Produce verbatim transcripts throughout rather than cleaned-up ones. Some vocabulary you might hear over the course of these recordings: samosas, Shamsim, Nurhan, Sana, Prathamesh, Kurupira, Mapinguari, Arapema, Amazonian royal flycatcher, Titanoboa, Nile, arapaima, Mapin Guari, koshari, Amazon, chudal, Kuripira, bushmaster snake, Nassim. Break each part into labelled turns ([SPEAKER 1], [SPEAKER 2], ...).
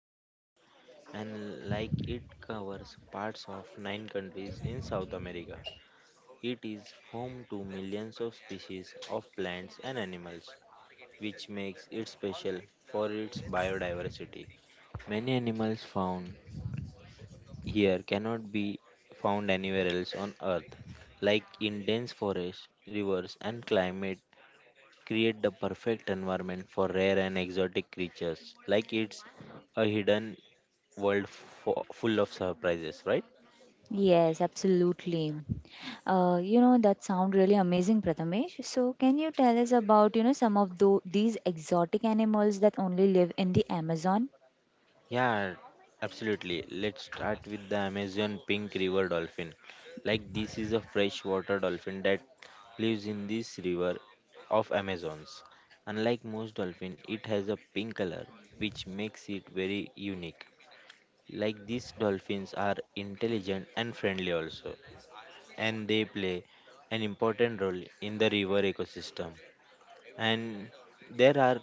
[SPEAKER 1] in the world and like it covers parts of nine countries in South America. It is home to millions of species of plants and animals, which makes it special for its biodiversity. Many animals found here cannot be found anywhere else on Earth, like in dense forests, rivers, and climate create the perfect environment for rare and exotic creatures like it's a hidden world fo- full of surprises, right?
[SPEAKER 2] Yes, absolutely. Uh, you know, that sound really amazing, Prathamesh. So, can you tell us about, you know, some of tho- these exotic animals that only live in the Amazon?
[SPEAKER 1] Yeah, absolutely. Let's start with the Amazon pink river dolphin. Like this is a freshwater dolphin that lives in this river of Amazons. Unlike most dolphins, it has a pink color, which makes it very unique. Like these dolphins are intelligent and friendly also, and they play an important role in the river ecosystem. And there are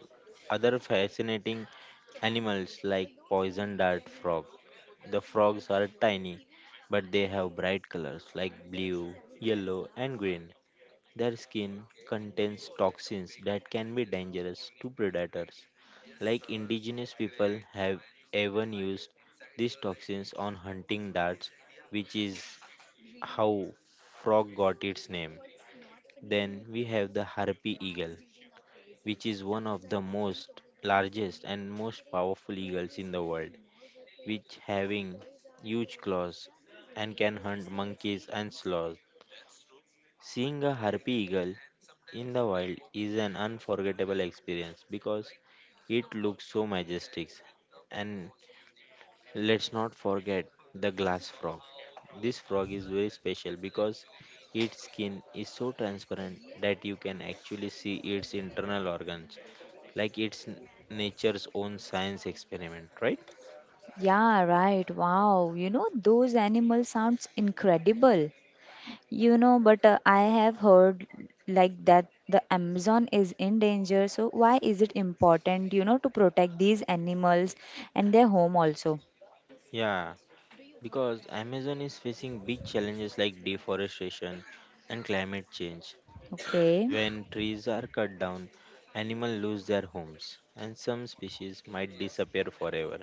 [SPEAKER 1] other fascinating animals like poison dart frog. The frogs are tiny, but they have bright colors like blue, yellow, and green. Their skin contains toxins that can be dangerous to predators. Like indigenous people have even used these toxins on hunting darts, which is how frog got its name. Then we have the harpy eagle which is one of the most largest and most powerful eagles in the world, which having huge claws and can hunt monkeys and sloths. Seeing a harpy eagle in the wild is an unforgettable experience because it looks so majestic. And let's not forget the glass frog. This frog is very special because its skin is so transparent that you can actually see its internal organs like it's n- nature's own science experiment, right?
[SPEAKER 2] Yeah, right. Wow. You know, those animals sounds incredible. You know, but uh, I have heard like that the Amazon is in danger. So why is it important, you know, to protect these animals and their home also?
[SPEAKER 1] Yeah, because Amazon is facing big challenges like deforestation and climate change.
[SPEAKER 2] Okay.
[SPEAKER 1] When trees are cut down, animals lose their homes, and some species might disappear forever.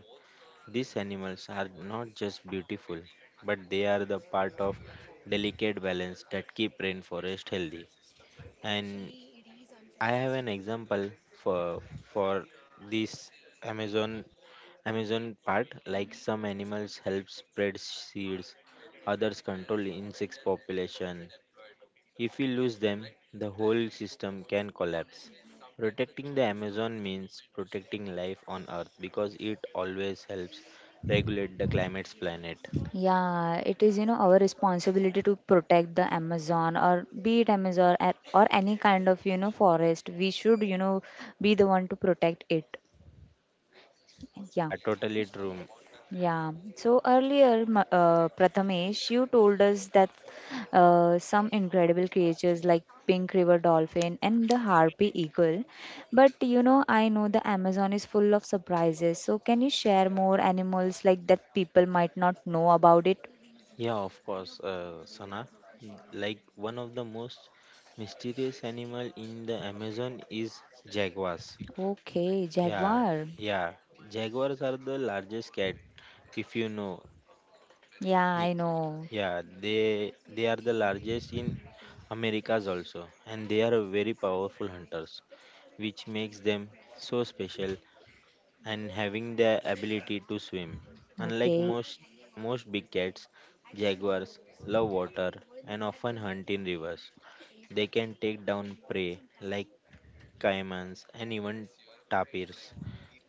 [SPEAKER 1] These animals are not just beautiful, but they are the part of delicate balance that keep rainforest healthy. And I have an example for for this Amazon Amazon part, like some animals help spread seeds, others control insect population. If we lose them, the whole system can collapse. Protecting the Amazon means protecting life on Earth because it always helps regulate the climate's planet.
[SPEAKER 2] Yeah, it is, you know, our responsibility to protect the Amazon, or be it Amazon, or, or any kind of, you know, forest. We should, you know, be the one to protect it. Yeah.
[SPEAKER 1] Yeah, totally true.
[SPEAKER 2] Yeah. So earlier, Ma- uh, Prathamesh, you told us that uh, some incredible creatures like pink river dolphin and the harpy eagle. But you know, I know the Amazon is full of surprises. So can you share more animals like that people might not know about it?
[SPEAKER 1] Yeah, of course, uh, Sana. Like one of the most mysterious animal in the Amazon is jaguars.
[SPEAKER 2] Okay,
[SPEAKER 1] Yeah,
[SPEAKER 2] jaguar.
[SPEAKER 1] yeah. Jaguars are the largest cat, if you know.
[SPEAKER 2] Yeah,
[SPEAKER 1] Y-
[SPEAKER 2] I know.
[SPEAKER 1] Yeah, they they are the largest in Americas also, and they are very powerful hunters, which makes them so special and having the ability to swim. Unlike
[SPEAKER 2] Okay,
[SPEAKER 1] most most big cats, jaguars love water and often hunt in rivers. They can take down prey like caimans, and even tapirs.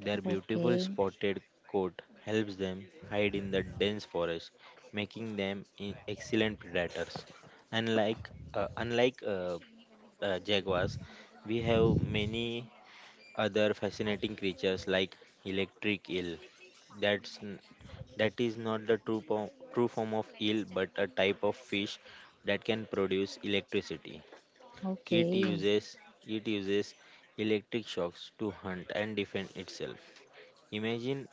[SPEAKER 1] Their beautiful
[SPEAKER 2] okay,
[SPEAKER 1] spotted coat helps them hide in the dense forest, making them i- excellent predators. Unlike uh, unlike uh, uh, jaguars, we have many other fascinating creatures like electric eel. That's n- that is not the true po- true form of eel, but a type of fish that can produce electricity. It
[SPEAKER 2] okay.
[SPEAKER 1] uses it uses electric shocks to hunt and defend itself. Imagine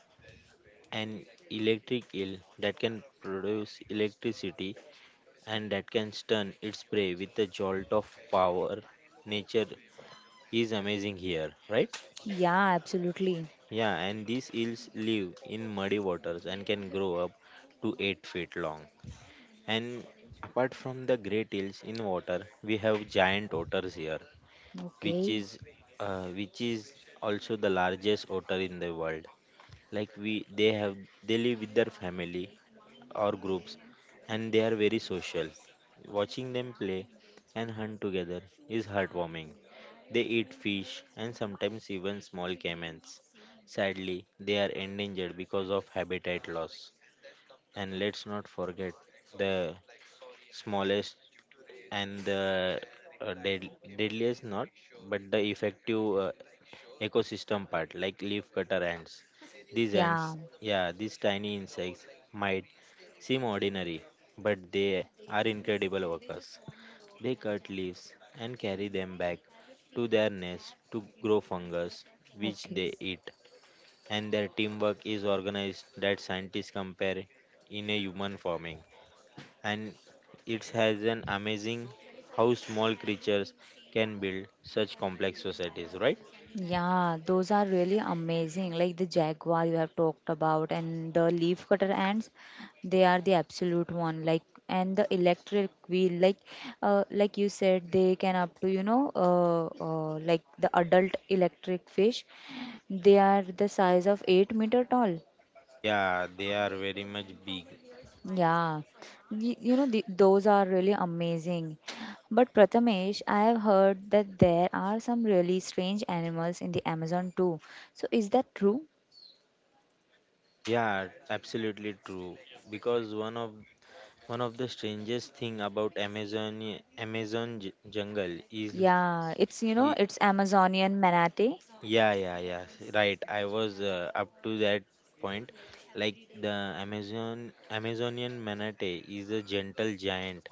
[SPEAKER 1] an electric eel that can produce electricity and that can stun its prey with a jolt of power. Nature is amazing here, right?
[SPEAKER 2] Yeah, absolutely.
[SPEAKER 1] Yeah, and these eels live in muddy waters and can grow up to eight feet long. And apart from the great eels in water, we have giant otters here which
[SPEAKER 2] Okay.
[SPEAKER 1] is uh, which is also the largest otter in the world like we they have they live with their family or groups and they are very social, watching them play and hunt together is heartwarming. They eat fish and sometimes even small caimans. Sadly, they are endangered because of habitat loss. And let's not forget the smallest and the uh, dead, deadliest not but the effective uh, ecosystem part like leaf cutter ants. These ants,
[SPEAKER 2] Yeah.
[SPEAKER 1] yeah, these tiny insects might seem ordinary, but they are incredible workers. They cut leaves and carry them back to their nest to grow fungus, which
[SPEAKER 2] Okay.
[SPEAKER 1] they eat. And their teamwork is organized that scientists compare in a human forming. And it has an amazing how small creatures can build such complex societies, right?
[SPEAKER 2] Yeah, those are really amazing. Like the jaguar you have talked about, and the leafcutter ants, they are the absolute one. Like and the electric wheel, like, uh, like you said, they can up to you know, uh, uh, like the adult electric fish, they are the size of eight meter tall.
[SPEAKER 1] Yeah, they are very much big.
[SPEAKER 2] Yeah. Y- you know, the, those are really amazing. But Prathamesh, I have heard that there are some really strange animals in the Amazon too. So is that true?
[SPEAKER 1] Yeah, absolutely true. Because one of one of the strangest thing about Amazon Amazon j- jungle is
[SPEAKER 2] Yeah, it's you know,
[SPEAKER 1] i-
[SPEAKER 2] it's Amazonian manatee.
[SPEAKER 1] yeah yeah yeah right. I was uh, up to that point. Like the Amazon Amazonian manatee is a gentle giant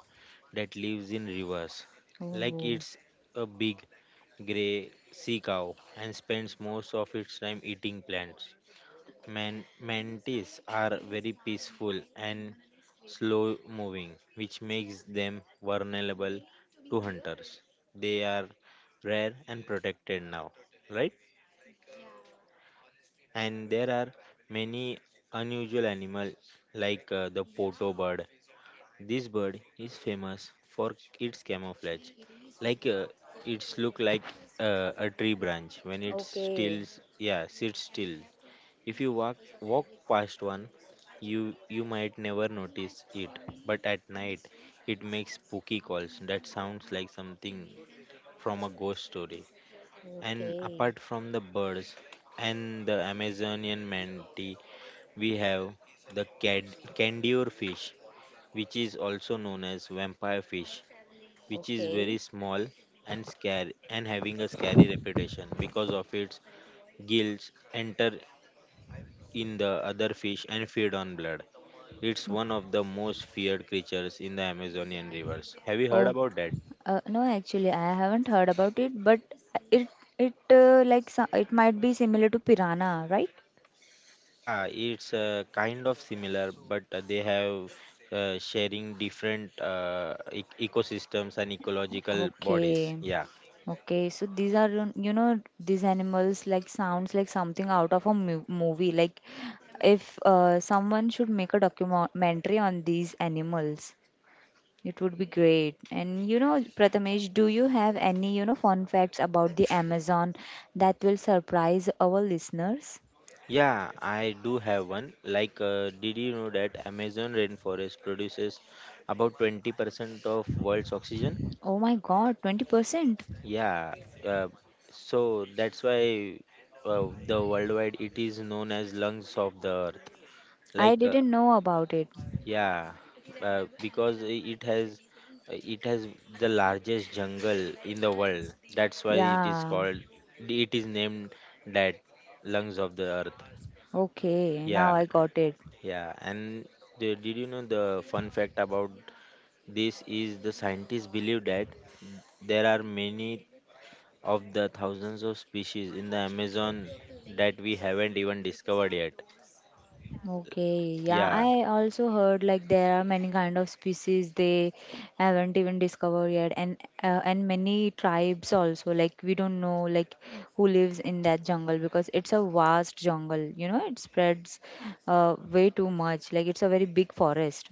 [SPEAKER 1] that lives in rivers. Like
[SPEAKER 2] Oh.
[SPEAKER 1] it's a big gray sea cow and spends most of its time eating plants. Man- mantis are very peaceful and slow moving, which makes them vulnerable to hunters. They are rare and protected now, right? And there are many unusual animals like uh, the poto bird. This bird is famous for its camouflage. Like uh, it's look like uh, a tree branch when it
[SPEAKER 2] Okay,
[SPEAKER 1] still yeah sits still. If you walk walk past one, you you might never notice it, but at night it makes spooky calls that sounds like something from a ghost story. And
[SPEAKER 2] okay,
[SPEAKER 1] apart from the birds and the Amazonian manatee, we have the cad- candior fish, which is also known as vampire fish, which is very
[SPEAKER 2] okay.
[SPEAKER 1] small and scary and having a scary reputation because of its gills enter in the other fish and feed on blood. It's one of the most feared creatures in the Amazonian rivers. Have you heard
[SPEAKER 2] Oh,
[SPEAKER 1] about that?
[SPEAKER 2] uh, no, actually, I haven't heard about it, but it it uh, like so- it might be similar to piranha, right?
[SPEAKER 1] Yeah, it's uh, kind of similar, but uh, they have uh, sharing different uh, ec- ecosystems and ecological bodies.
[SPEAKER 2] Okay,
[SPEAKER 1] Yeah.
[SPEAKER 2] okay. So these are you you know these animals like sounds like something out of a mu- movie. Like if uh, someone should make a documentary on these animals. It would be great. And you know, Prathamesh, do you have any, you know, fun facts about the Amazon that will surprise our listeners?
[SPEAKER 1] Yeah, I do have one. Like, uh, did you know that Amazon rainforest produces about twenty percent of world's oxygen?
[SPEAKER 2] Oh my God, twenty percent.
[SPEAKER 1] Yeah, uh, so that's why uh, the worldwide it is known as lungs of the earth.
[SPEAKER 2] I
[SPEAKER 1] Like, uh,
[SPEAKER 2] didn't know about it.
[SPEAKER 1] yeah, uh, because i- it has uh, it has the largest jungle in the world. That's why it is
[SPEAKER 2] Yeah.
[SPEAKER 1] called. It is named that lungs of the earth.
[SPEAKER 2] Okay,
[SPEAKER 1] Yeah.
[SPEAKER 2] now I got it.
[SPEAKER 1] Yeah, and the, did you know the fun fact about this is the scientists believe that there are many of the thousands of species in the Amazon that we haven't even discovered yet.
[SPEAKER 2] Okay, yeah,
[SPEAKER 1] Yeah,
[SPEAKER 2] I also heard like there are many kind of species they haven't even discovered yet, and uh, and many tribes also, like we don't know, like who lives in that jungle because it's a vast jungle, you know, it spreads uh, way too much. Like it's a very big forest.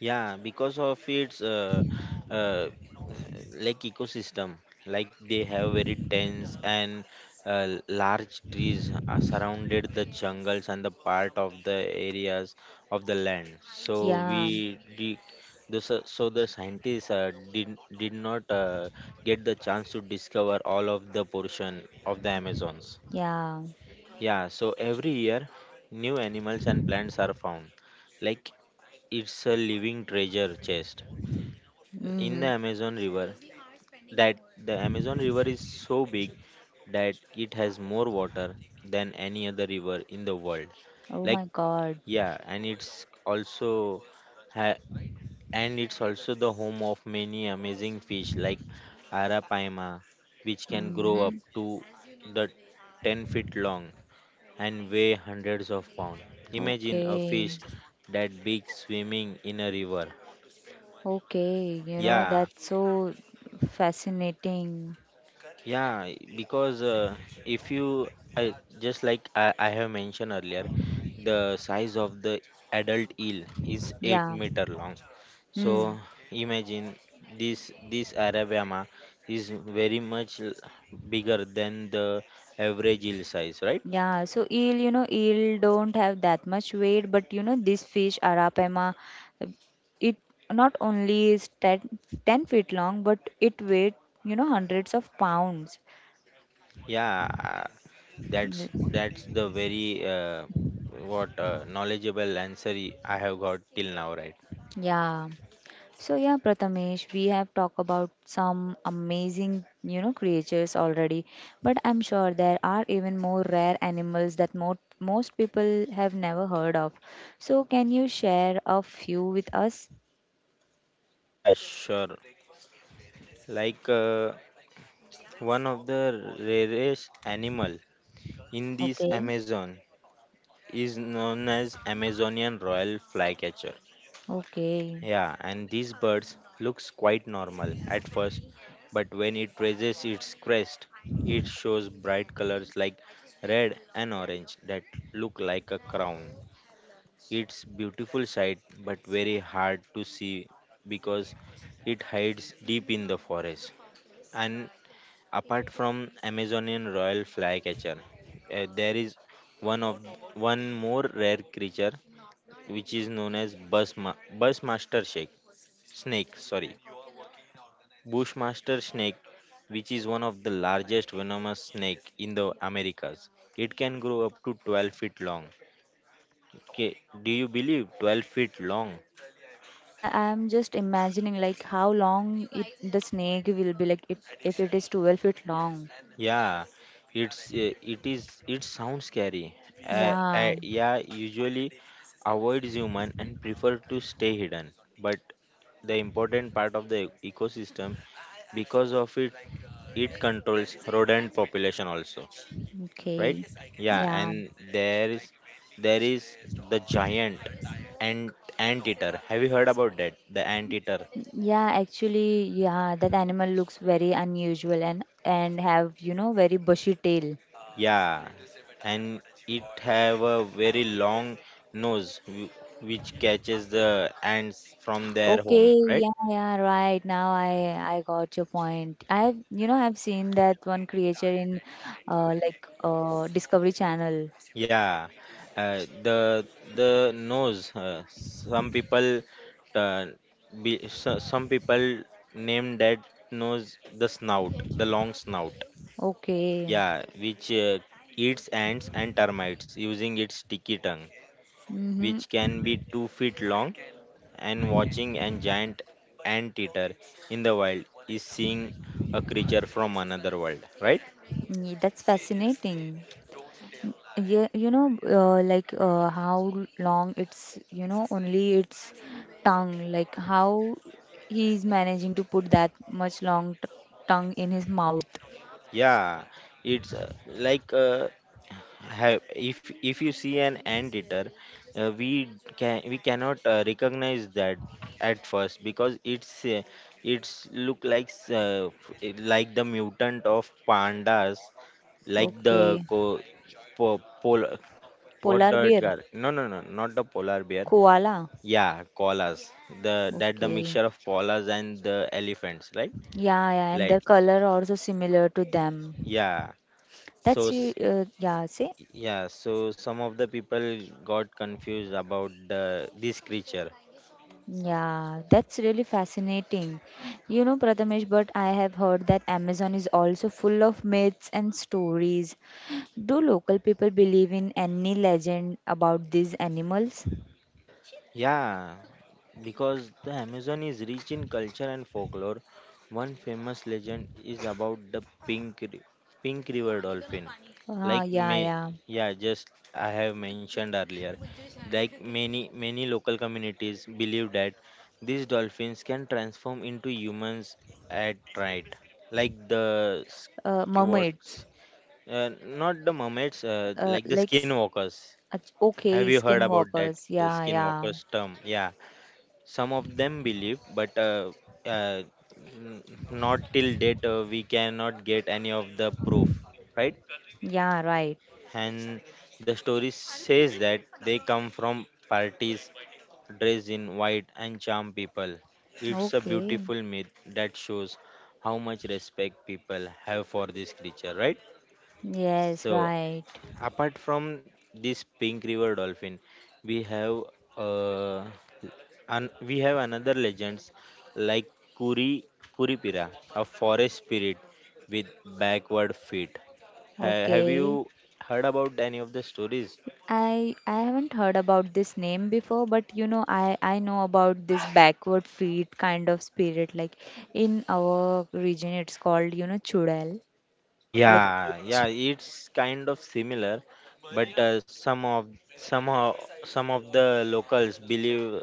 [SPEAKER 1] yeah, because of its uh, uh, like ecosystem, like they have very dense and uh, large trees uh, surrounded the jungles and the part of the areas of the land. So
[SPEAKER 2] Yeah,
[SPEAKER 1] we did, the, so so the scientists uh, did did not uh, get the chance to discover all of the portion of the Amazons.
[SPEAKER 2] yeah.
[SPEAKER 1] Yeah, so every year new animals and plants are found. Like it's a living treasure chest in the
[SPEAKER 2] Mm-hmm.
[SPEAKER 1] Amazon River that the Amazon River is so big that it has more water than any other river in the world.
[SPEAKER 2] Oh
[SPEAKER 1] Like
[SPEAKER 2] my God.
[SPEAKER 1] yeah, and it's also ha- and it's also the home of many amazing fish like arapaima, which can grow up
[SPEAKER 2] Mm-hmm.
[SPEAKER 1] to the ten feet long and weigh hundreds of pounds. Imagine a
[SPEAKER 2] Okay,
[SPEAKER 1] fish that big swimming in a river.
[SPEAKER 2] okay. You know,
[SPEAKER 1] Yeah,
[SPEAKER 2] that's so fascinating.
[SPEAKER 1] yeah, because uh, if you I, just like I, I have mentioned earlier, the size of the adult eel is 8
[SPEAKER 2] Yeah.
[SPEAKER 1] meter long.
[SPEAKER 2] Hmm.
[SPEAKER 1] So imagine this this Arabama is very much l- bigger than the average eel size, right?
[SPEAKER 2] Yeah, so eel, you know, eel don't have that much weight, but you know, this fish, Arapema, it not only is ten ten feet long, but it weighs, you know, hundreds of pounds.
[SPEAKER 1] Yeah, uh, that's that's
[SPEAKER 2] Y-
[SPEAKER 1] the very uh, what uh, knowledgeable answer I have got till now, right?
[SPEAKER 2] Yeah. So yeah, Prathamesh, we have talked about some amazing, you know, creatures already, but I'm sure there are even more rare animals that mo- most people have never heard of. So can you share a few with us?
[SPEAKER 1] Yeah, sure. Like uh, one of the rarest animal in this
[SPEAKER 2] Okay.
[SPEAKER 1] Amazon is known as Amazonian royal flycatcher.
[SPEAKER 2] Okay.
[SPEAKER 1] Yeah, and these birds looks quite normal at first, but when it raises its crest, it shows bright colors like red and orange that look like a crown. It's beautiful sight but very hard to see because it hides deep in the forest. And apart from Amazonian royal flycatcher, uh, there is one of one more rare creature which is known as busma, busmaster snake. Snake, sorry, bushmaster snake, which is one of the largest venomous snake in the Americas. It can grow up to twelve feet long. Okay, do you believe twelve feet long?
[SPEAKER 2] I I'm just imagining like how long it the snake will be, like it if it is twelve feet long.
[SPEAKER 1] Yeah, it's uh, it is it sounds scary. Uh, uh,
[SPEAKER 2] Yeah.
[SPEAKER 1] yeah, usually avoid human and prefer to stay hidden. But the important part of the e- ecosystem because of it it controls rodent population also, right?
[SPEAKER 2] Okay.
[SPEAKER 1] Yeah,
[SPEAKER 2] Yeah.
[SPEAKER 1] and there is there is the giant ant anteater. Have you heard about that? The anteater.
[SPEAKER 2] Yeah, actually, yeah, that animal looks very unusual and and have, you know, very bushy tail.
[SPEAKER 1] Yeah, and it have a very long nose wh- which catches the ants from their
[SPEAKER 2] Okay,
[SPEAKER 1] home, right?
[SPEAKER 2] yeah, yeah, right. Now I I got your point. I've, you know, I've seen that one creature in uh like uh Discovery Channel.
[SPEAKER 1] Yeah, uh, the the nose. Uh, some people, uh, be, so, some people name that nose the snout, the long snout.
[SPEAKER 2] Okay.
[SPEAKER 1] Yeah, which uh, eats ants and termites using its sticky tongue, which
[SPEAKER 2] Mm-hmm.
[SPEAKER 1] can be two feet long. And watching an giant anteater in the wild is seeing a creature from another world, right?
[SPEAKER 2] That's fascinating. Yeah, you know, uh, like uh, how long it's, you know, only its tongue, like how he's managing to put that much long t tongue in his mouth.
[SPEAKER 1] Yeah, it's uh, like uh, have, if if you see an anteater, uh, we can we cannot uh, recognize that at first because it's uh, it's look like uh, f- like the mutant of pandas, like the
[SPEAKER 2] Okay.
[SPEAKER 1] co- po- polar— what
[SPEAKER 2] Polar
[SPEAKER 1] the
[SPEAKER 2] bear,
[SPEAKER 1] car? No, no, no, not the polar bear.
[SPEAKER 2] koala.
[SPEAKER 1] Yeah, koalas. The that the
[SPEAKER 2] Okay.
[SPEAKER 1] mixture of koalas and the elephants, right?
[SPEAKER 2] Yeah, yeah, and
[SPEAKER 1] Like,
[SPEAKER 2] their color also similar to them.
[SPEAKER 1] yeah. So
[SPEAKER 2] That's you,
[SPEAKER 1] s-
[SPEAKER 2] uh, yeah, see?
[SPEAKER 1] yeah, so some of the people got confused about the this creature.
[SPEAKER 2] Yeah, that's really fascinating. You know, Prathamesh, but I have heard that Amazon is also full of myths and stories. Do local people believe in any legend about these animals?
[SPEAKER 1] Yeah, because the Amazon is rich in culture and folklore. One famous legend is about the pink ri- pink river dolphin.
[SPEAKER 2] Ah,
[SPEAKER 1] Like
[SPEAKER 2] yeah,
[SPEAKER 1] may
[SPEAKER 2] yeah.
[SPEAKER 1] Yeah, just I have mentioned earlier. Like many many local communities believe that these dolphins can transform into humans at night. Like the
[SPEAKER 2] Uh,
[SPEAKER 1] sk-
[SPEAKER 2] mermaids,
[SPEAKER 1] what's uh, Not the mermaids, uh,
[SPEAKER 2] uh,
[SPEAKER 1] like the
[SPEAKER 2] like, s-
[SPEAKER 1] skinwalkers.
[SPEAKER 2] ach-
[SPEAKER 1] Have
[SPEAKER 2] okay,
[SPEAKER 1] you heard about that,
[SPEAKER 2] skinwalkers.
[SPEAKER 1] the
[SPEAKER 2] Yeah, yeah.
[SPEAKER 1] skinwalkers term? Yeah, some of them believe, but uh, uh, n- not till date uh, we cannot get any of the proof, right?
[SPEAKER 2] Yeah, right.
[SPEAKER 1] And the story says that they come from parties dressed in white and charm people. It's a
[SPEAKER 2] Okay.
[SPEAKER 1] beautiful myth that shows how much respect people have for this creature, right?
[SPEAKER 2] Yes,
[SPEAKER 1] So
[SPEAKER 2] right.
[SPEAKER 1] apart from this pink river dolphin, we have uh, and we have another legends like Kuri Kuripira, a forest spirit with backward feet. Ha- have you
[SPEAKER 2] Okay.
[SPEAKER 1] heard about any of the stories?
[SPEAKER 2] I I haven't heard about this name before, but you know, I I know about this backward feet kind of spirit. Like in our region, it's called you know chudal, like
[SPEAKER 1] Yeah,
[SPEAKER 2] witch,
[SPEAKER 1] yeah, it's kind of similar, but uh, some of somehow some of the locals believe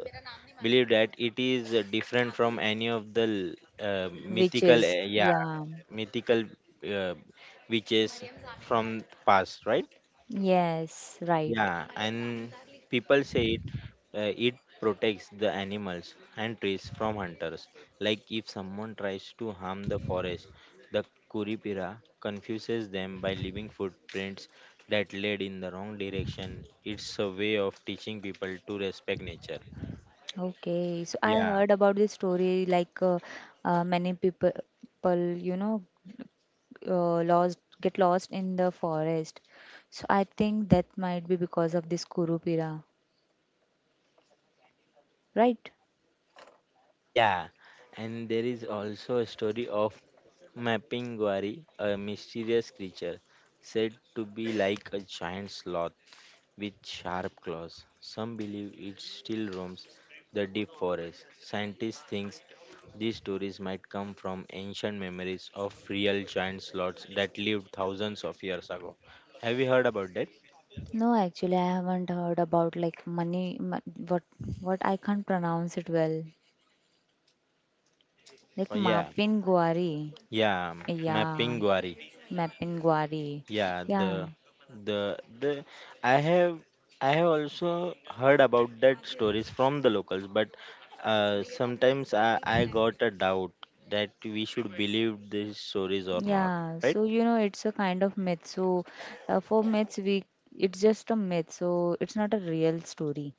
[SPEAKER 1] believe that it is uh, different from any of the l- uh, mythical
[SPEAKER 2] witches.
[SPEAKER 1] uh, yeah
[SPEAKER 2] Yeah.
[SPEAKER 1] mythical uh, witches from past, right?
[SPEAKER 2] Yes. Right.
[SPEAKER 1] Yeah, and people say it, uh, it protects the animals and trees from hunters. Like if someone tries to harm the forest, the Kuripira confuses them by leaving footprints that lead in the wrong direction. It's a way of teaching people to respect nature.
[SPEAKER 2] Okay. So I
[SPEAKER 1] Yeah,
[SPEAKER 2] heard about this story. Like uh, uh, many people, people you know, uh, lost get lost in the forest. So I think that might be because of this Kurupira, right?
[SPEAKER 1] yeah, and there is also a story of Mapping Guari, a mysterious creature said to be like a giant sloth with sharp claws. Some believe it still roams the deep forest. Scientists think these stories might come from ancient memories of real giant sloths that lived thousands of years ago. Have you heard about that?
[SPEAKER 2] No, actually, I haven't heard about like money. ma- What what I can't pronounce it well. Like
[SPEAKER 1] Oh, yeah,
[SPEAKER 2] Mapin Guari.
[SPEAKER 1] yeah,
[SPEAKER 2] Yeah,
[SPEAKER 1] Mapinguari.
[SPEAKER 2] Mapin Guari.
[SPEAKER 1] Yeah,
[SPEAKER 2] Yeah,
[SPEAKER 1] the the the I have I have also heard about that stories from the locals, but uh, sometimes I, I got a doubt that we should believe these stories or not,
[SPEAKER 2] yeah.
[SPEAKER 1] right?
[SPEAKER 2] So you know, it's a kind of myth. So uh, for myths, we it's just a myth. So it's not a real story.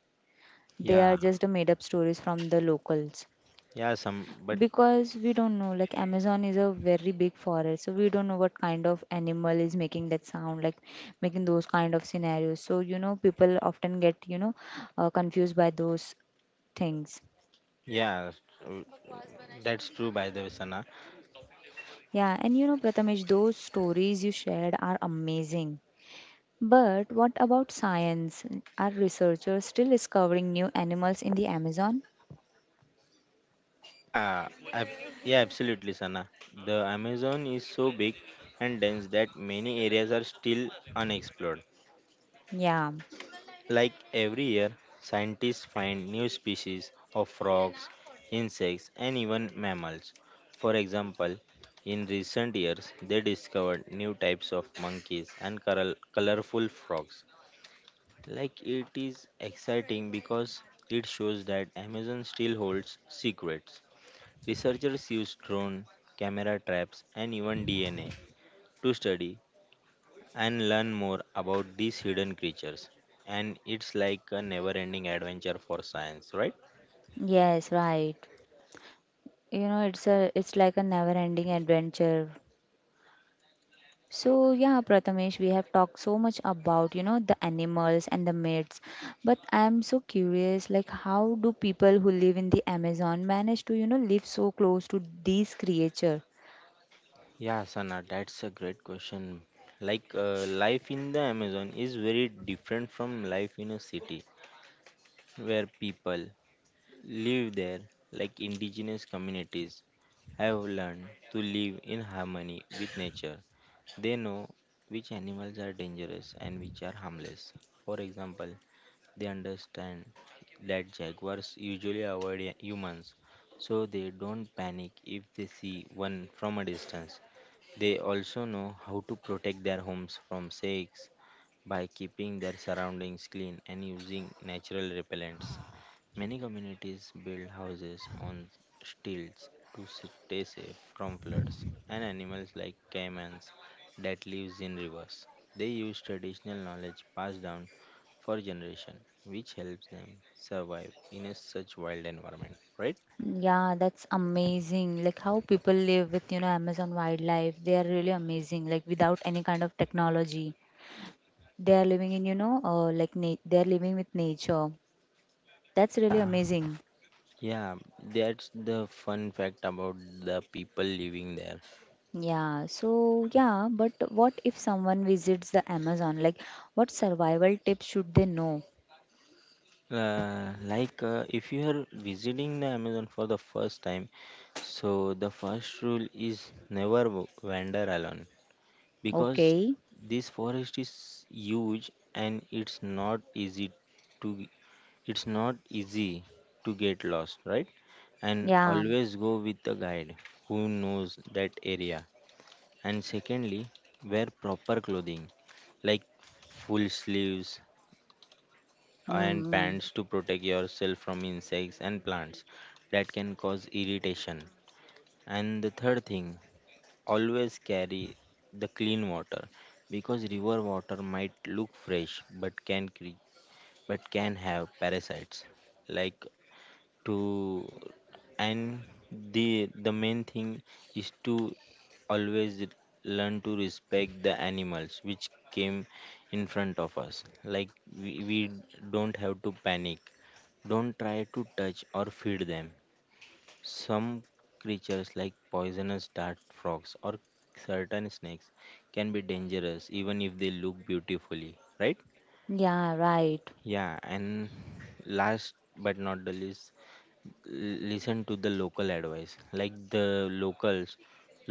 [SPEAKER 2] They are
[SPEAKER 1] Yeah,
[SPEAKER 2] just a made up stories from the locals.
[SPEAKER 1] yeah, some, but
[SPEAKER 2] Because we don't know, like Amazon is a very big forest, so we don't know what kind of animal is making that sound, like making those kind of scenarios, so you know people often get you know uh, confused by those things.
[SPEAKER 1] yeah, uh, that's true by the way, Sana.
[SPEAKER 2] Yeah, and you know Prathamesh, those stories you shared are amazing, but what about science? Are researchers still discovering new animals in the Amazon?
[SPEAKER 1] Yeah, ab yeah, absolutely, Sana. The Amazon is so big and dense that many areas are still unexplored.
[SPEAKER 2] Yeah.
[SPEAKER 1] Like every year, scientists find new species of frogs, insects, and even mammals. For example, in recent years, they discovered new types of monkeys and coral- colorful frogs. Like it is exciting because it shows that Amazon still holds secrets. Researchers use drone, camera traps, and even D N A to study and learn more about these hidden creatures. And it's like a never ending adventure for science, right?
[SPEAKER 2] Yes, right. you know it's a it's like a never ending adventure. So yeah, Prathamesh, we have talked so much about, you know, the animals and the myths, but I'm so curious, like how do people who live in the Amazon manage to, you know, live so close to these creature?
[SPEAKER 1] Yeah, Sana, that's a great question. Like, uh, life in the Amazon is very different from life in a city where people live there. Like indigenous communities have learned to live in harmony with nature. They know which animals are dangerous and which are harmless. For example, they understand that jaguars usually avoid hu- humans, so they don't panic if they see one from a distance. They also know how to protect their homes from snakes by keeping their surroundings clean and using natural repellents. Many communities build houses on stilts to stay safe from floods and animals like caimans that lives in rivers. They use traditional knowledge passed down for generations, which helps them survive in a such wild environment, right?
[SPEAKER 2] Yeah, that's amazing. Like how people live with, you know, Amazon wildlife, they are really amazing, like without any kind of technology. They are living in, you know, uh, like na- they are living with nature. That's really
[SPEAKER 1] Yeah.
[SPEAKER 2] amazing.
[SPEAKER 1] Yeah, that's the fun fact about the people living there.
[SPEAKER 2] Yeah, so yeah, but what if someone visits the Amazon? Like, what survival tips should they know?
[SPEAKER 1] Uh, like uh, if you are visiting the Amazon for the first time, so the first rule is never w- wander alone because
[SPEAKER 2] Okay,
[SPEAKER 1] this forest is huge, and it's not easy to— it's not easy to get lost, right? And
[SPEAKER 2] yeah,
[SPEAKER 1] always go with a guide who knows that area. And secondly, wear proper clothing like full sleeves and
[SPEAKER 2] mm,
[SPEAKER 1] pants to protect yourself from insects and plants that can cause irritation. And the third thing, always carry the clean water because river water might look fresh but can cre- but can have parasites, like, to— and the the main thing is to always learn to respect the animals which came in front of us. Like we, we don't have to panic, don't try to touch or feed them. Some creatures like poisonous dart frogs or certain snakes can be dangerous even if they look beautifully, right?
[SPEAKER 2] yeah, right.
[SPEAKER 1] Yeah, and last but not the least, listen to the local advice. Like the locals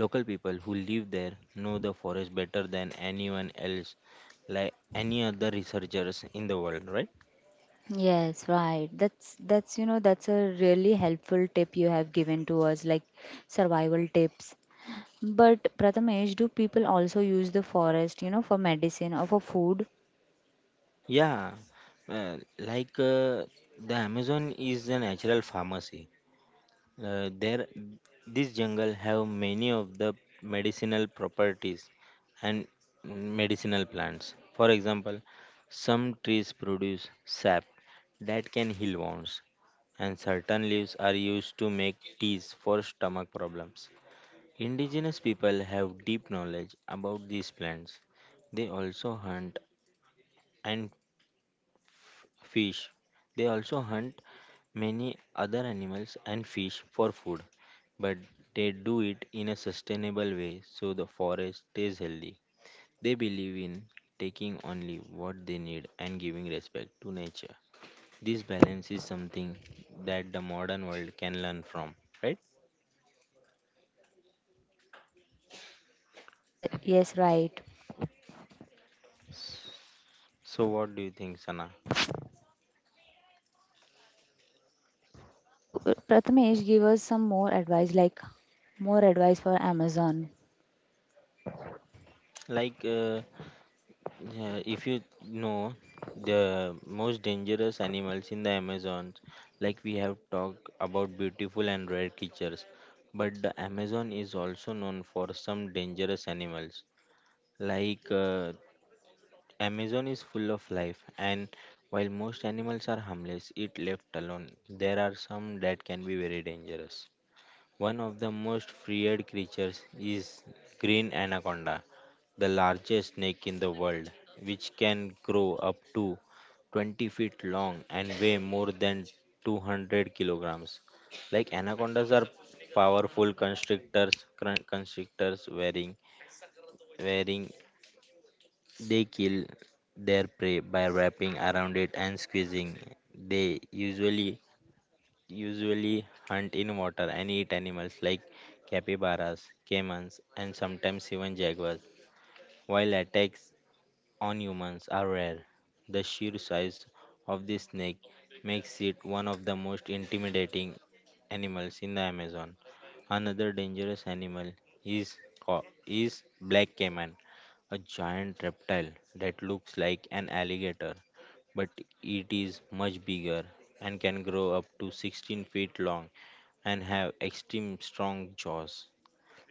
[SPEAKER 1] local people who live there know the forest better than anyone else, like any other researchers in the world, right?
[SPEAKER 2] Yes, right. That's that's you know that's a really helpful tip you have given to us, like survival tips. But Prathamesh, do people also use the forest, you know, for medicine or for food?
[SPEAKER 1] Yeah, uh, like uh, the Amazon is a natural pharmacy. Uh, there, this jungle have many of the medicinal properties and medicinal plants. For example, some trees produce sap that can heal wounds, and certain leaves are used to make teas for stomach problems. Indigenous people have deep knowledge about these plants. They also hunt and fish. They also hunt many other animals and fish for food, but they do it in a sustainable way so the forest stays healthy. They believe in taking only what they need and giving respect to nature. This balance is something that the modern world can learn from, right?
[SPEAKER 2] Yeah, yes, right.
[SPEAKER 1] So, what do you think, Sana?
[SPEAKER 2] So uh, Prathamesh, give us some more advice, like more advice for Amazon.
[SPEAKER 1] Like, uh, yeah, if you know the most dangerous animals in the Amazon, like we have talked about beautiful and rare creatures, but the Amazon is also known for some dangerous animals. Like, uh, Amazon is full of life, and while most animals are harmless, it left alone, there are some that can be very dangerous. One of the most feared creatures is green anaconda, the largest snake in the world, which can grow up to twenty feet long and weigh more than two hundred kilograms. Like anacondas are powerful constrictors, cr- constrictors wearing, wearing— they kill their prey by wrapping around it and squeezing. They usually usually hunt in water and eat animals like capybaras, caimans, and sometimes even jaguars. While attacks on humans are rare. The sheer size of this snake makes it one of the most intimidating animals in the Amazon. Another dangerous animal is co- is black caiman, a giant reptile that looks like an alligator, but it is much bigger and can grow up to sixteen feet long and have extreme strong jaws.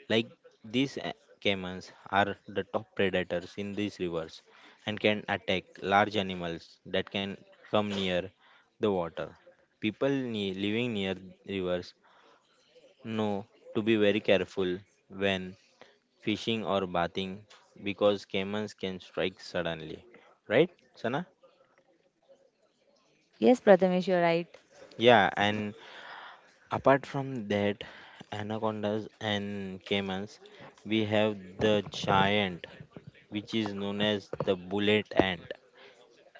[SPEAKER 1] Like these a- caimans are the top predators in these rivers and can attack large animals that can come near the water. People ne- living near rivers know to be very careful when fishing or bathing because caimans can strike suddenly. Right, Sana?
[SPEAKER 2] Yes, Prathamesh, you're right.
[SPEAKER 1] Yeah, and apart from that, anacondas and caimans, we have the giant, which is known as the bullet ant,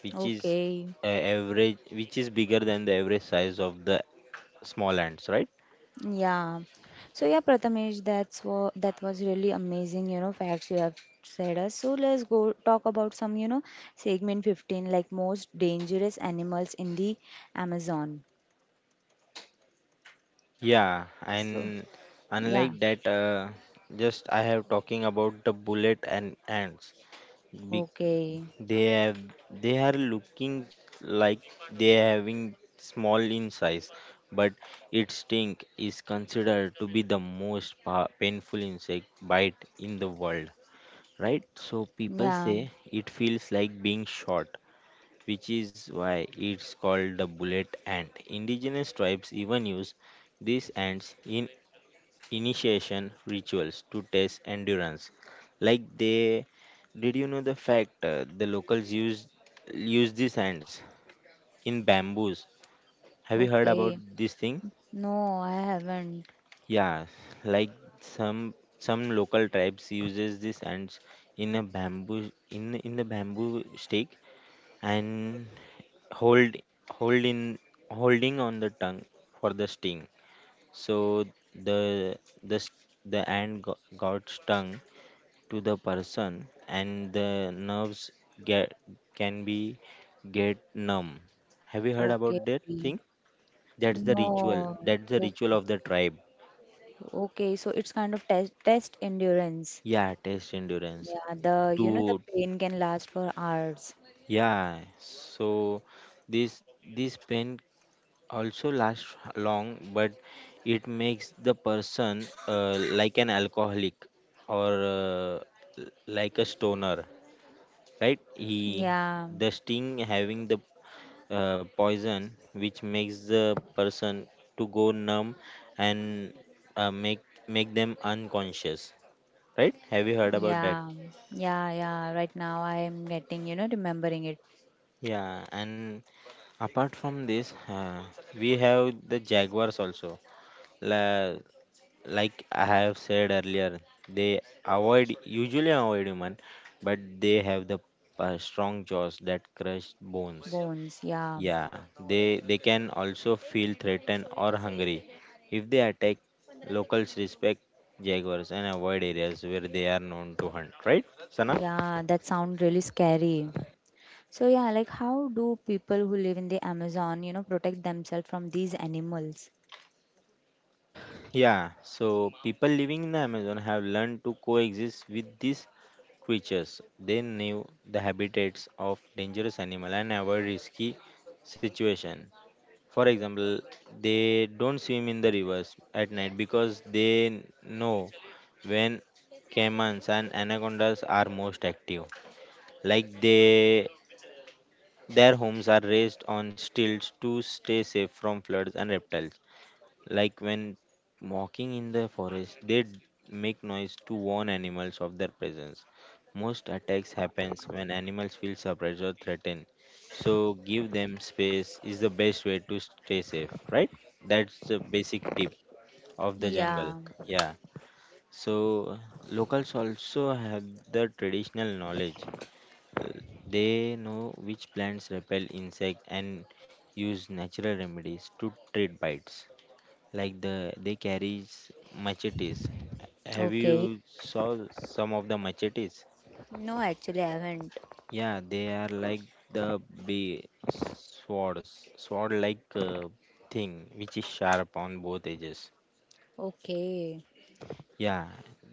[SPEAKER 1] which is—
[SPEAKER 2] Okay.
[SPEAKER 1] uh, average which is bigger than the average size of the small ants, right?
[SPEAKER 2] Yeah. So yeah, Prathamesh, that's what that was really amazing, you know, facts you have said us. So let's go talk about some, you know, segment fifteen, like most dangerous animals in the Amazon.
[SPEAKER 1] Yeah, and
[SPEAKER 2] So
[SPEAKER 1] unlike
[SPEAKER 2] yeah.
[SPEAKER 1] that, uh, just I have talking about the bullet and ants. Be-
[SPEAKER 2] Okay.
[SPEAKER 1] they have— they are looking like— they are having small in size, but its sting is considered to be the most pa- painful insect bite in the world, right? So people say
[SPEAKER 2] Yeah.
[SPEAKER 1] it feels like being shot, which is why it's called the bullet ant. Indigenous tribes even use these ants in initiation rituals to test endurance. Like they— did you know the fact, uh, the locals use— use these ants in bamboos. Have you heard about
[SPEAKER 2] Okay.
[SPEAKER 1] this thing?
[SPEAKER 2] No, I haven't.
[SPEAKER 1] Yeah, like some some local tribes uses these ants in a bamboo, in in the bamboo stake, and hold hold in holding on the tongue for the sting. So the— the s- the ant go- got stung to the person and the nerves get can be get numb. Have you heard about
[SPEAKER 2] Okay.
[SPEAKER 1] that thing? That's the ritual,
[SPEAKER 2] No.
[SPEAKER 1] that's the ritual
[SPEAKER 2] Okay.
[SPEAKER 1] of the tribe.
[SPEAKER 2] Okay. So it's kind of test test endurance.
[SPEAKER 1] Yeah, test endurance,
[SPEAKER 2] Yeah, the you know the
[SPEAKER 1] to—
[SPEAKER 2] pain can last for hours.
[SPEAKER 1] yeah, so this this pain also lasts long, but it makes the person uh, like an alcoholic or uh, like a stoner, right? He—
[SPEAKER 2] Yeah,
[SPEAKER 1] the sting having the uh, poison which makes the person to go numb and uh, make make them unconscious, right? Have you heard about that?
[SPEAKER 2] yeah, yeah, yeah. Right now I am getting, you know, remembering it.
[SPEAKER 1] Yeah, and apart from this, uh, we have the jaguars also. La, like I have said earlier, they avoid— usually avoid human, but they have the uh, strong jaws that crush bones.
[SPEAKER 2] Bones, yeah,
[SPEAKER 1] Yeah, they they can also feel threatened or hungry. If they attack, locals respect jaguars and avoid areas where they are known to hunt. Right, Sana?
[SPEAKER 2] yeah, that sound really scary. So yeah, like how do people who live in the Amazon, you know, protect themselves from these animals?
[SPEAKER 1] Yeah, so people living in the Amazon have learned to coexist with these creatures. They knew the habitats of dangerous animal and avoid risky situation. For example, they don't swim in the rivers at night because they know when caimans and anacondas are most active. Like they— their homes are raised on stilts to stay safe from floods and reptiles. Like when walking in the forest, they d- make noise to warn animals of their presence. Most attacks happens when animals feel surprised or threatened. So give them space is the best way to stay safe, right? That's the basic tip of the jungle.
[SPEAKER 2] Yeah,
[SPEAKER 1] Yeah. So locals also have the traditional knowledge. Uh, They know which plants repel insect and use natural remedies to treat bites like the they carries machetes. Have
[SPEAKER 2] okay.
[SPEAKER 1] you saw some of the machetes?
[SPEAKER 2] No, actually I haven't.
[SPEAKER 1] Yeah, they are like the big swords, sword like uh, thing which is sharp on both edges.
[SPEAKER 2] Okay,
[SPEAKER 1] Yeah,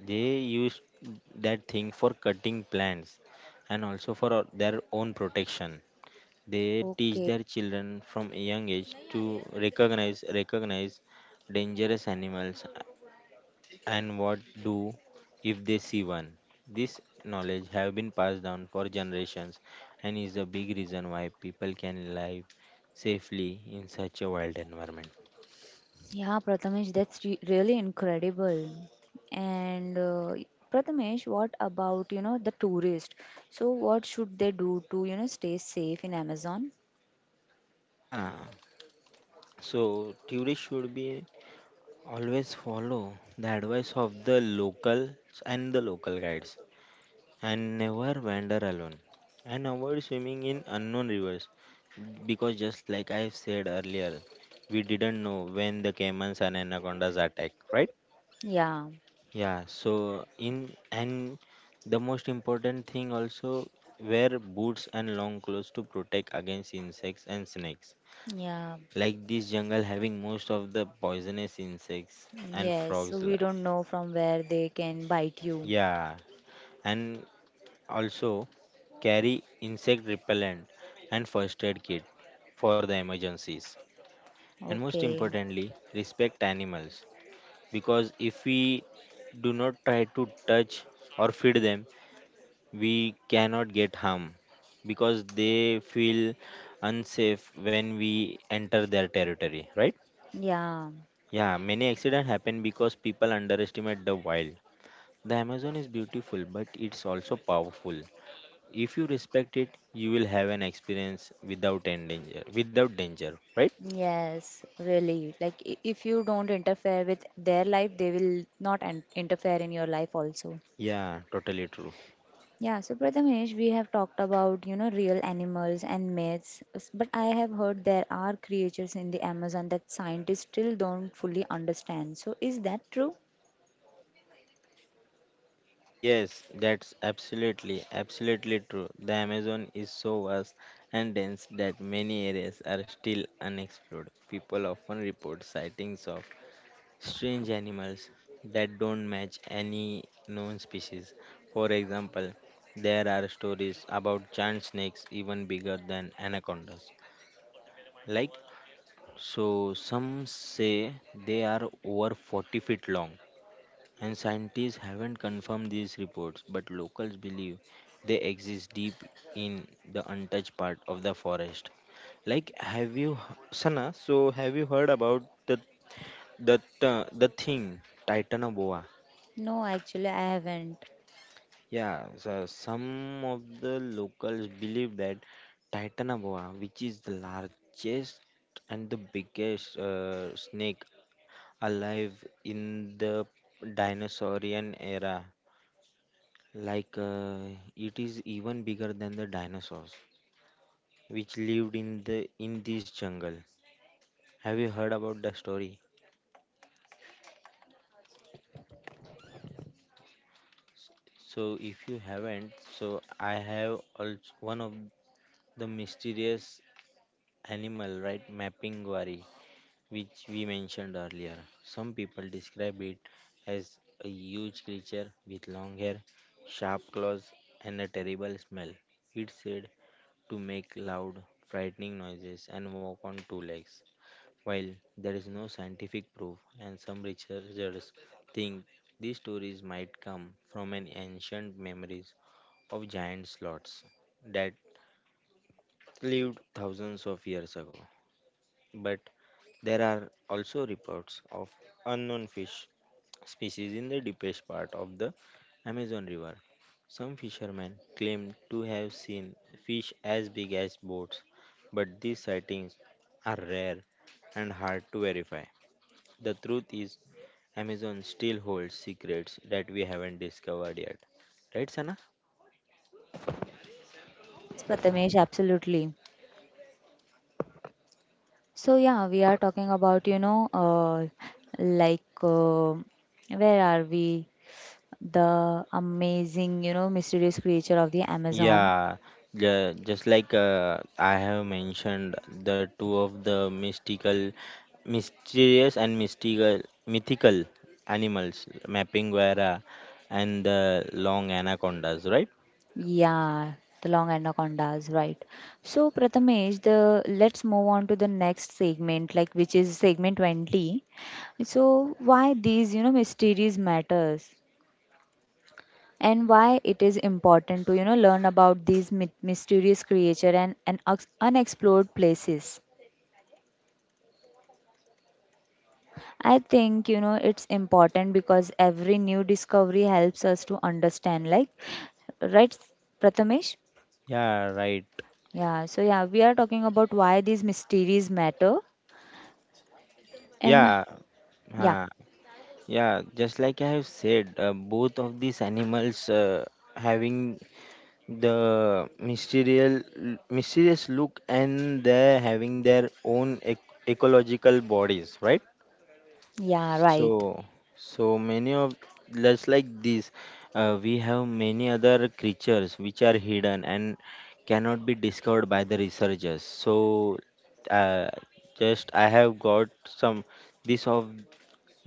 [SPEAKER 1] they use that thing for cutting plants and also for uh, their own protection. They teach
[SPEAKER 2] okay.
[SPEAKER 1] their children from a young age to recognize recognize dangerous animals and what do if they see one. This knowledge have been passed down for generations and is a big reason why people can live safely in such a wild environment.
[SPEAKER 2] Yeah, Prathamesh, that's re- really incredible. And uh, Prathamesh, what about, you know, the tourist? So what should they do to, you know, stay safe in Amazon?
[SPEAKER 1] Yeah, so tourists should be always follow the advice of the locals and the local guides and never wander alone and avoid swimming in unknown rivers because just like I said earlier, we didn't know when the caimans and anacondas attack, right?
[SPEAKER 2] Yeah,
[SPEAKER 1] Yeah, so in and the most important thing also wear boots and long clothes to protect against insects and snakes.
[SPEAKER 2] yeah,
[SPEAKER 1] Like this jungle having most of the poisonous insects and
[SPEAKER 2] yes. So
[SPEAKER 1] frogs. la-
[SPEAKER 2] we don't know from where they can bite you.
[SPEAKER 1] Yeah, and also carry insect repellent and first aid kit for the emergencies. And most
[SPEAKER 2] Okay.
[SPEAKER 1] importantly, respect animals because if we do not try to touch or feed them, we cannot get harm because they feel unsafe when we enter their territory, right?
[SPEAKER 2] Yeah.
[SPEAKER 1] Yeah, many accidents happen because people underestimate the wild. The Amazon is beautiful, but it's also powerful. If you respect it, you will have an experience without end danger, without danger, right?
[SPEAKER 2] Yes, really. Like i- if you don't interfere with their life, they will not an- interfere in your life also.
[SPEAKER 1] Yeah, totally true.
[SPEAKER 2] Yeah, so Prathamesh, we have talked about, you know, real animals and myths, s- but I have heard there are creatures in the Amazon that scientists still don't fully understand. So is that true?
[SPEAKER 1] Yes, that's absolutely, absolutely true. The Amazon is so vast and dense that many areas are still unexplored. People often report sightings of strange animals that don't match any known species. For example, there are stories about giant snakes even bigger than anacondas. Like, so some say they are over forty feet long and scientists haven't confirmed these reports, but locals believe they exist deep in the untouched part of the forest. Like, have you, Sana? So, have you heard about the the the, the thing, Titanoboa?
[SPEAKER 2] No, actually, I haven't.
[SPEAKER 1] Yeah, so some of the locals believe that Titanoboa, which is the largest and the biggest uh, snake alive in the dinosaurian era, like uh, it is even bigger than the dinosaurs which lived in the in this jungle. Have you heard about the story? So if you haven't, so I have also one of the mysterious animal, right, Mapinguari, which we mentioned earlier. Some people describe it as a huge creature with long hair, sharp claws, and a terrible smell. It said to make loud, frightening noises and walk on two legs. While there is no scientific proof, and some researchers think these stories might come from an ancient memories of giant sloths that lived thousands of years ago. But there are also reports of unknown fish species in the deepest part of the Amazon River. Some fishermen claim to have seen fish as big as boats, but these sightings are rare and hard to verify. The truth is Amazon still holds secrets that we haven't discovered yet. Right, Sana?
[SPEAKER 2] Yes, Prathamesh, absolutely. So yeah, we are talking about, you know, uh, like uh, where are we? The amazing, you know, mysterious creature of the Amazon.
[SPEAKER 1] Yeah, ju- just like uh, I have mentioned, the two of the mystical, mysterious and mystical, mythical animals, Mapinguera and the long anacondas, right?
[SPEAKER 2] Yeah, the long anacondas, right. So Prathamesh, the let's move on to the next segment, like which is segment twenty. So why these, you know, mysteries matters and why it is important to, you know, learn about these my- mysterious creature and, and ex- unexplored places. I think, you know, it's important because every new discovery helps us to understand, like, right, Prathamesh?
[SPEAKER 1] Yeah, right.
[SPEAKER 2] Yeah, so yeah, we are talking about why these mysteries matter. And
[SPEAKER 1] Yeah,
[SPEAKER 2] yeah,
[SPEAKER 1] huh. yeah. Just like I have said, uh, both of these animals uh, having the mysterious mysterious look and they're having their own ec- ecological bodies, right?
[SPEAKER 2] yeah,
[SPEAKER 1] So
[SPEAKER 2] right.
[SPEAKER 1] so many of, just like this, uh, we have many other creatures which are hidden and cannot be discovered by the researchers. So uh, just I have got some this of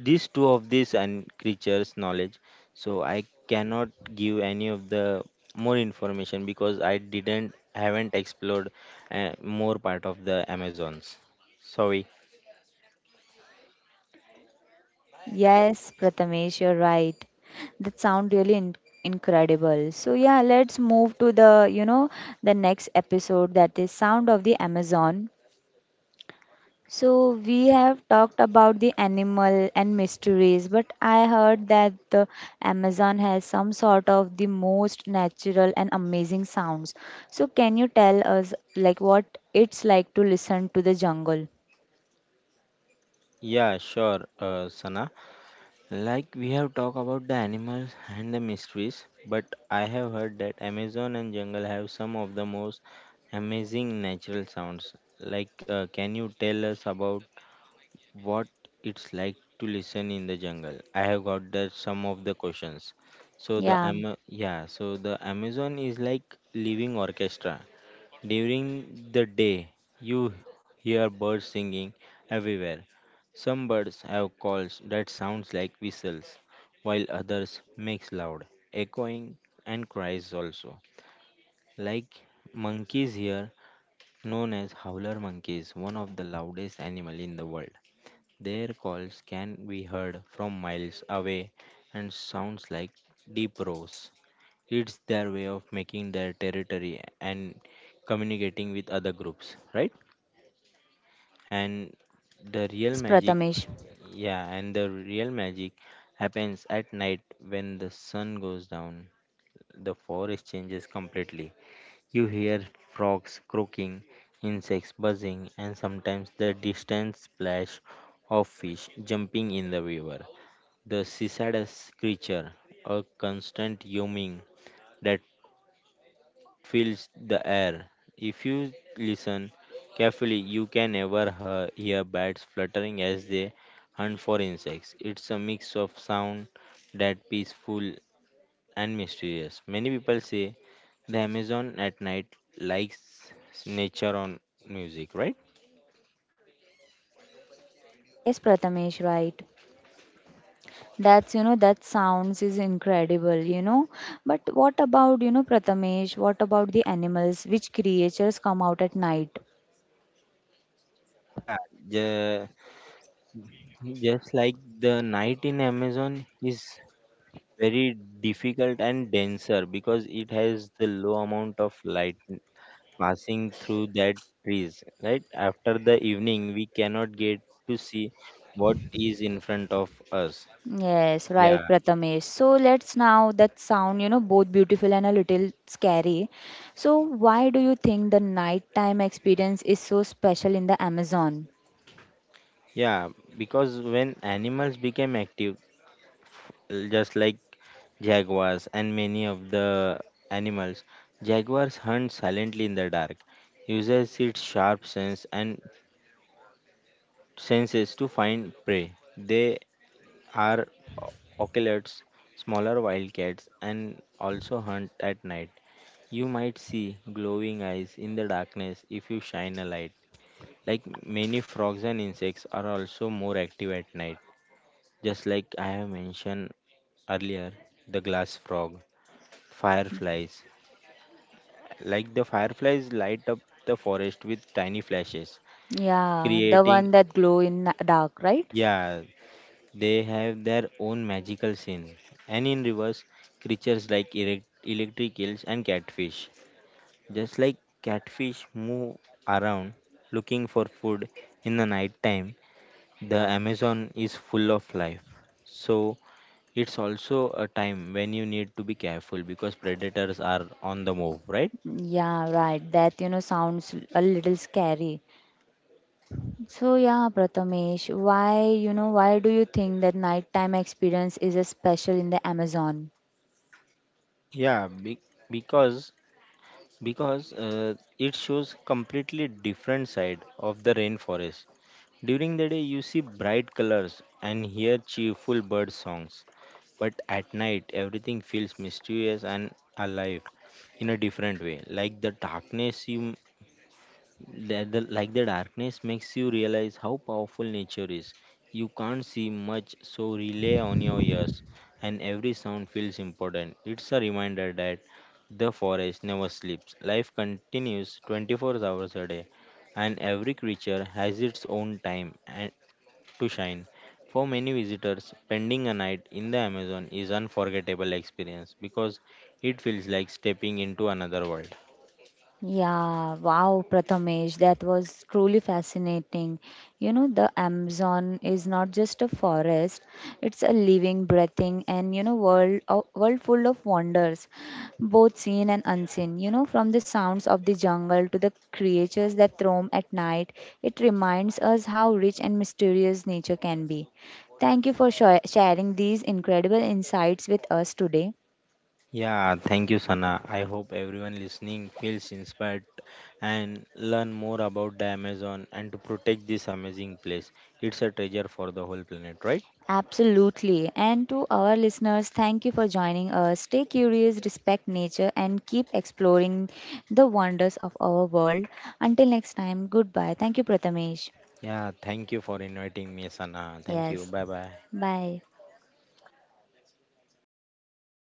[SPEAKER 1] these two of these and creatures knowledge, so I cannot give any of the more information because I didn't haven't explored uh, more part of the Amazons, sorry.
[SPEAKER 2] Yes, Prathamesh, you're right. That sound really in- incredible. So yeah, let's move to the, you know, the next episode that is Sound of the Amazon. So we have talked about the animal and mysteries, but I heard that the Amazon has some sort of the most natural and amazing sounds. So can you tell us like what it's like to listen to the jungle?
[SPEAKER 1] Yeah, sure, uh, Sana, like we have talked about the animals and the mysteries, but I have heard that Amazon and jungle have some of the most amazing natural sounds. Like uh, can you tell us about what it's like to listen in the jungle. I have got that some of the questions. So the
[SPEAKER 2] Yeah.
[SPEAKER 1] Ama- yeah, so the Amazon is like living orchestra. During the day, you hear birds singing everywhere. Some birds have calls that sounds like whistles, while others makes loud echoing and cries also. Like monkeys here, known as howler monkeys, one of the loudest animal in the world. Their calls can be heard from miles away and sounds like deep roars. It's their way of making their territory and communicating with other groups, right? And the real
[SPEAKER 2] Yes,
[SPEAKER 1] magic,
[SPEAKER 2] Prathamesh.
[SPEAKER 1] yeah, and the real magic happens at night when the sun goes down. The forest changes completely. You hear frogs croaking, insects buzzing, and sometimes the distant splash of fish jumping in the river. The sysadus creature, a constant humming that fills the air. If you listen carefully, you can never hear, hear bats fluttering as they hunt for insects. It's a mix of sound that peaceful and mysterious. Many people say the Amazon at night likes nature on music, right?
[SPEAKER 2] Yes, Prathamesh, right. That's, you know, that sounds is incredible, you know. But what about, you know, Prathamesh, what about the animals? Which creatures come out at night?
[SPEAKER 1] Yeah, the, just like the night in Amazon is very difficult and denser because it has the low amount of light passing through that trees. Right after the evening we cannot get to see what is in front of us.
[SPEAKER 2] Yes, right,
[SPEAKER 1] Yeah,
[SPEAKER 2] Prathamesh. So let's now that sound, you know, both beautiful and a little scary. So why do you think the nighttime experience is so special in the Amazon?
[SPEAKER 1] yeah, because when animals became active, l- just like jaguars and many of the animals, jaguars hunt silently in the dark, uses its sharp sense and senses to find prey. They are ocelots, smaller wildcats, and also hunt at night. You might see glowing eyes in the darkness if you shine a light. Like many frogs and insects are also more active at night, just like I have mentioned earlier, the glass frog, fireflies. Like the fireflies light up the forest with tiny flashes,
[SPEAKER 2] Yeah, the
[SPEAKER 1] creating,
[SPEAKER 2] one that glow in the dark, right?
[SPEAKER 1] yeah, they have their own magical scene. And in rivers, creatures like erect- electric eels and catfish. Just like catfish move around looking for food in the night time, the Amazon is full of life. So it's also a time when you need to be careful because predators are on the move, right?
[SPEAKER 2] Yeah, right. That, you know, sounds a little scary. So yeah, Prathamesh, why, you know, why do you think that nighttime experience is a special in the Amazon?
[SPEAKER 1] Yeah, be- because because uh, it shows completely different side of the rainforest. During the day, you see bright colors and hear cheerful bird songs, but at night, everything feels mysterious and alive in a different way. Like the darkness, you the, the, like the darkness makes you realize how powerful nature is. You can't see much, so rely on your ears, and every sound feels important. It's a reminder that the forest never sleeps. Life continues twenty-four hours a day and every creature has its own time and to shine. For many visitors, spending a night in the Amazon is unforgettable experience because it feels like stepping into another world.
[SPEAKER 2] Yeah, wow, Prathamesh, that was truly fascinating. You know, the Amazon is not just a forest, it's a living, breathing, and you know, world of, world full of wonders, both seen and unseen. You know, from the sounds of the jungle to the creatures that roam at night, it reminds us how rich and mysterious nature can be. Thank you for sho- sharing these incredible insights with us today.
[SPEAKER 1] Yeah, thank you, Sana. I hope everyone listening feels inspired and learn more about the Amazon and to protect this amazing place. It's a treasure for the whole planet, right?
[SPEAKER 2] Absolutely. And to our listeners, thank you for joining us. Stay curious, respect nature, and keep exploring the wonders of our world. Until next time, goodbye. Thank you, Prathamesh.
[SPEAKER 1] Yeah, thank you for inviting me, Sana. Thank you.
[SPEAKER 2] Yes.
[SPEAKER 1] Bye bye.
[SPEAKER 2] Bye.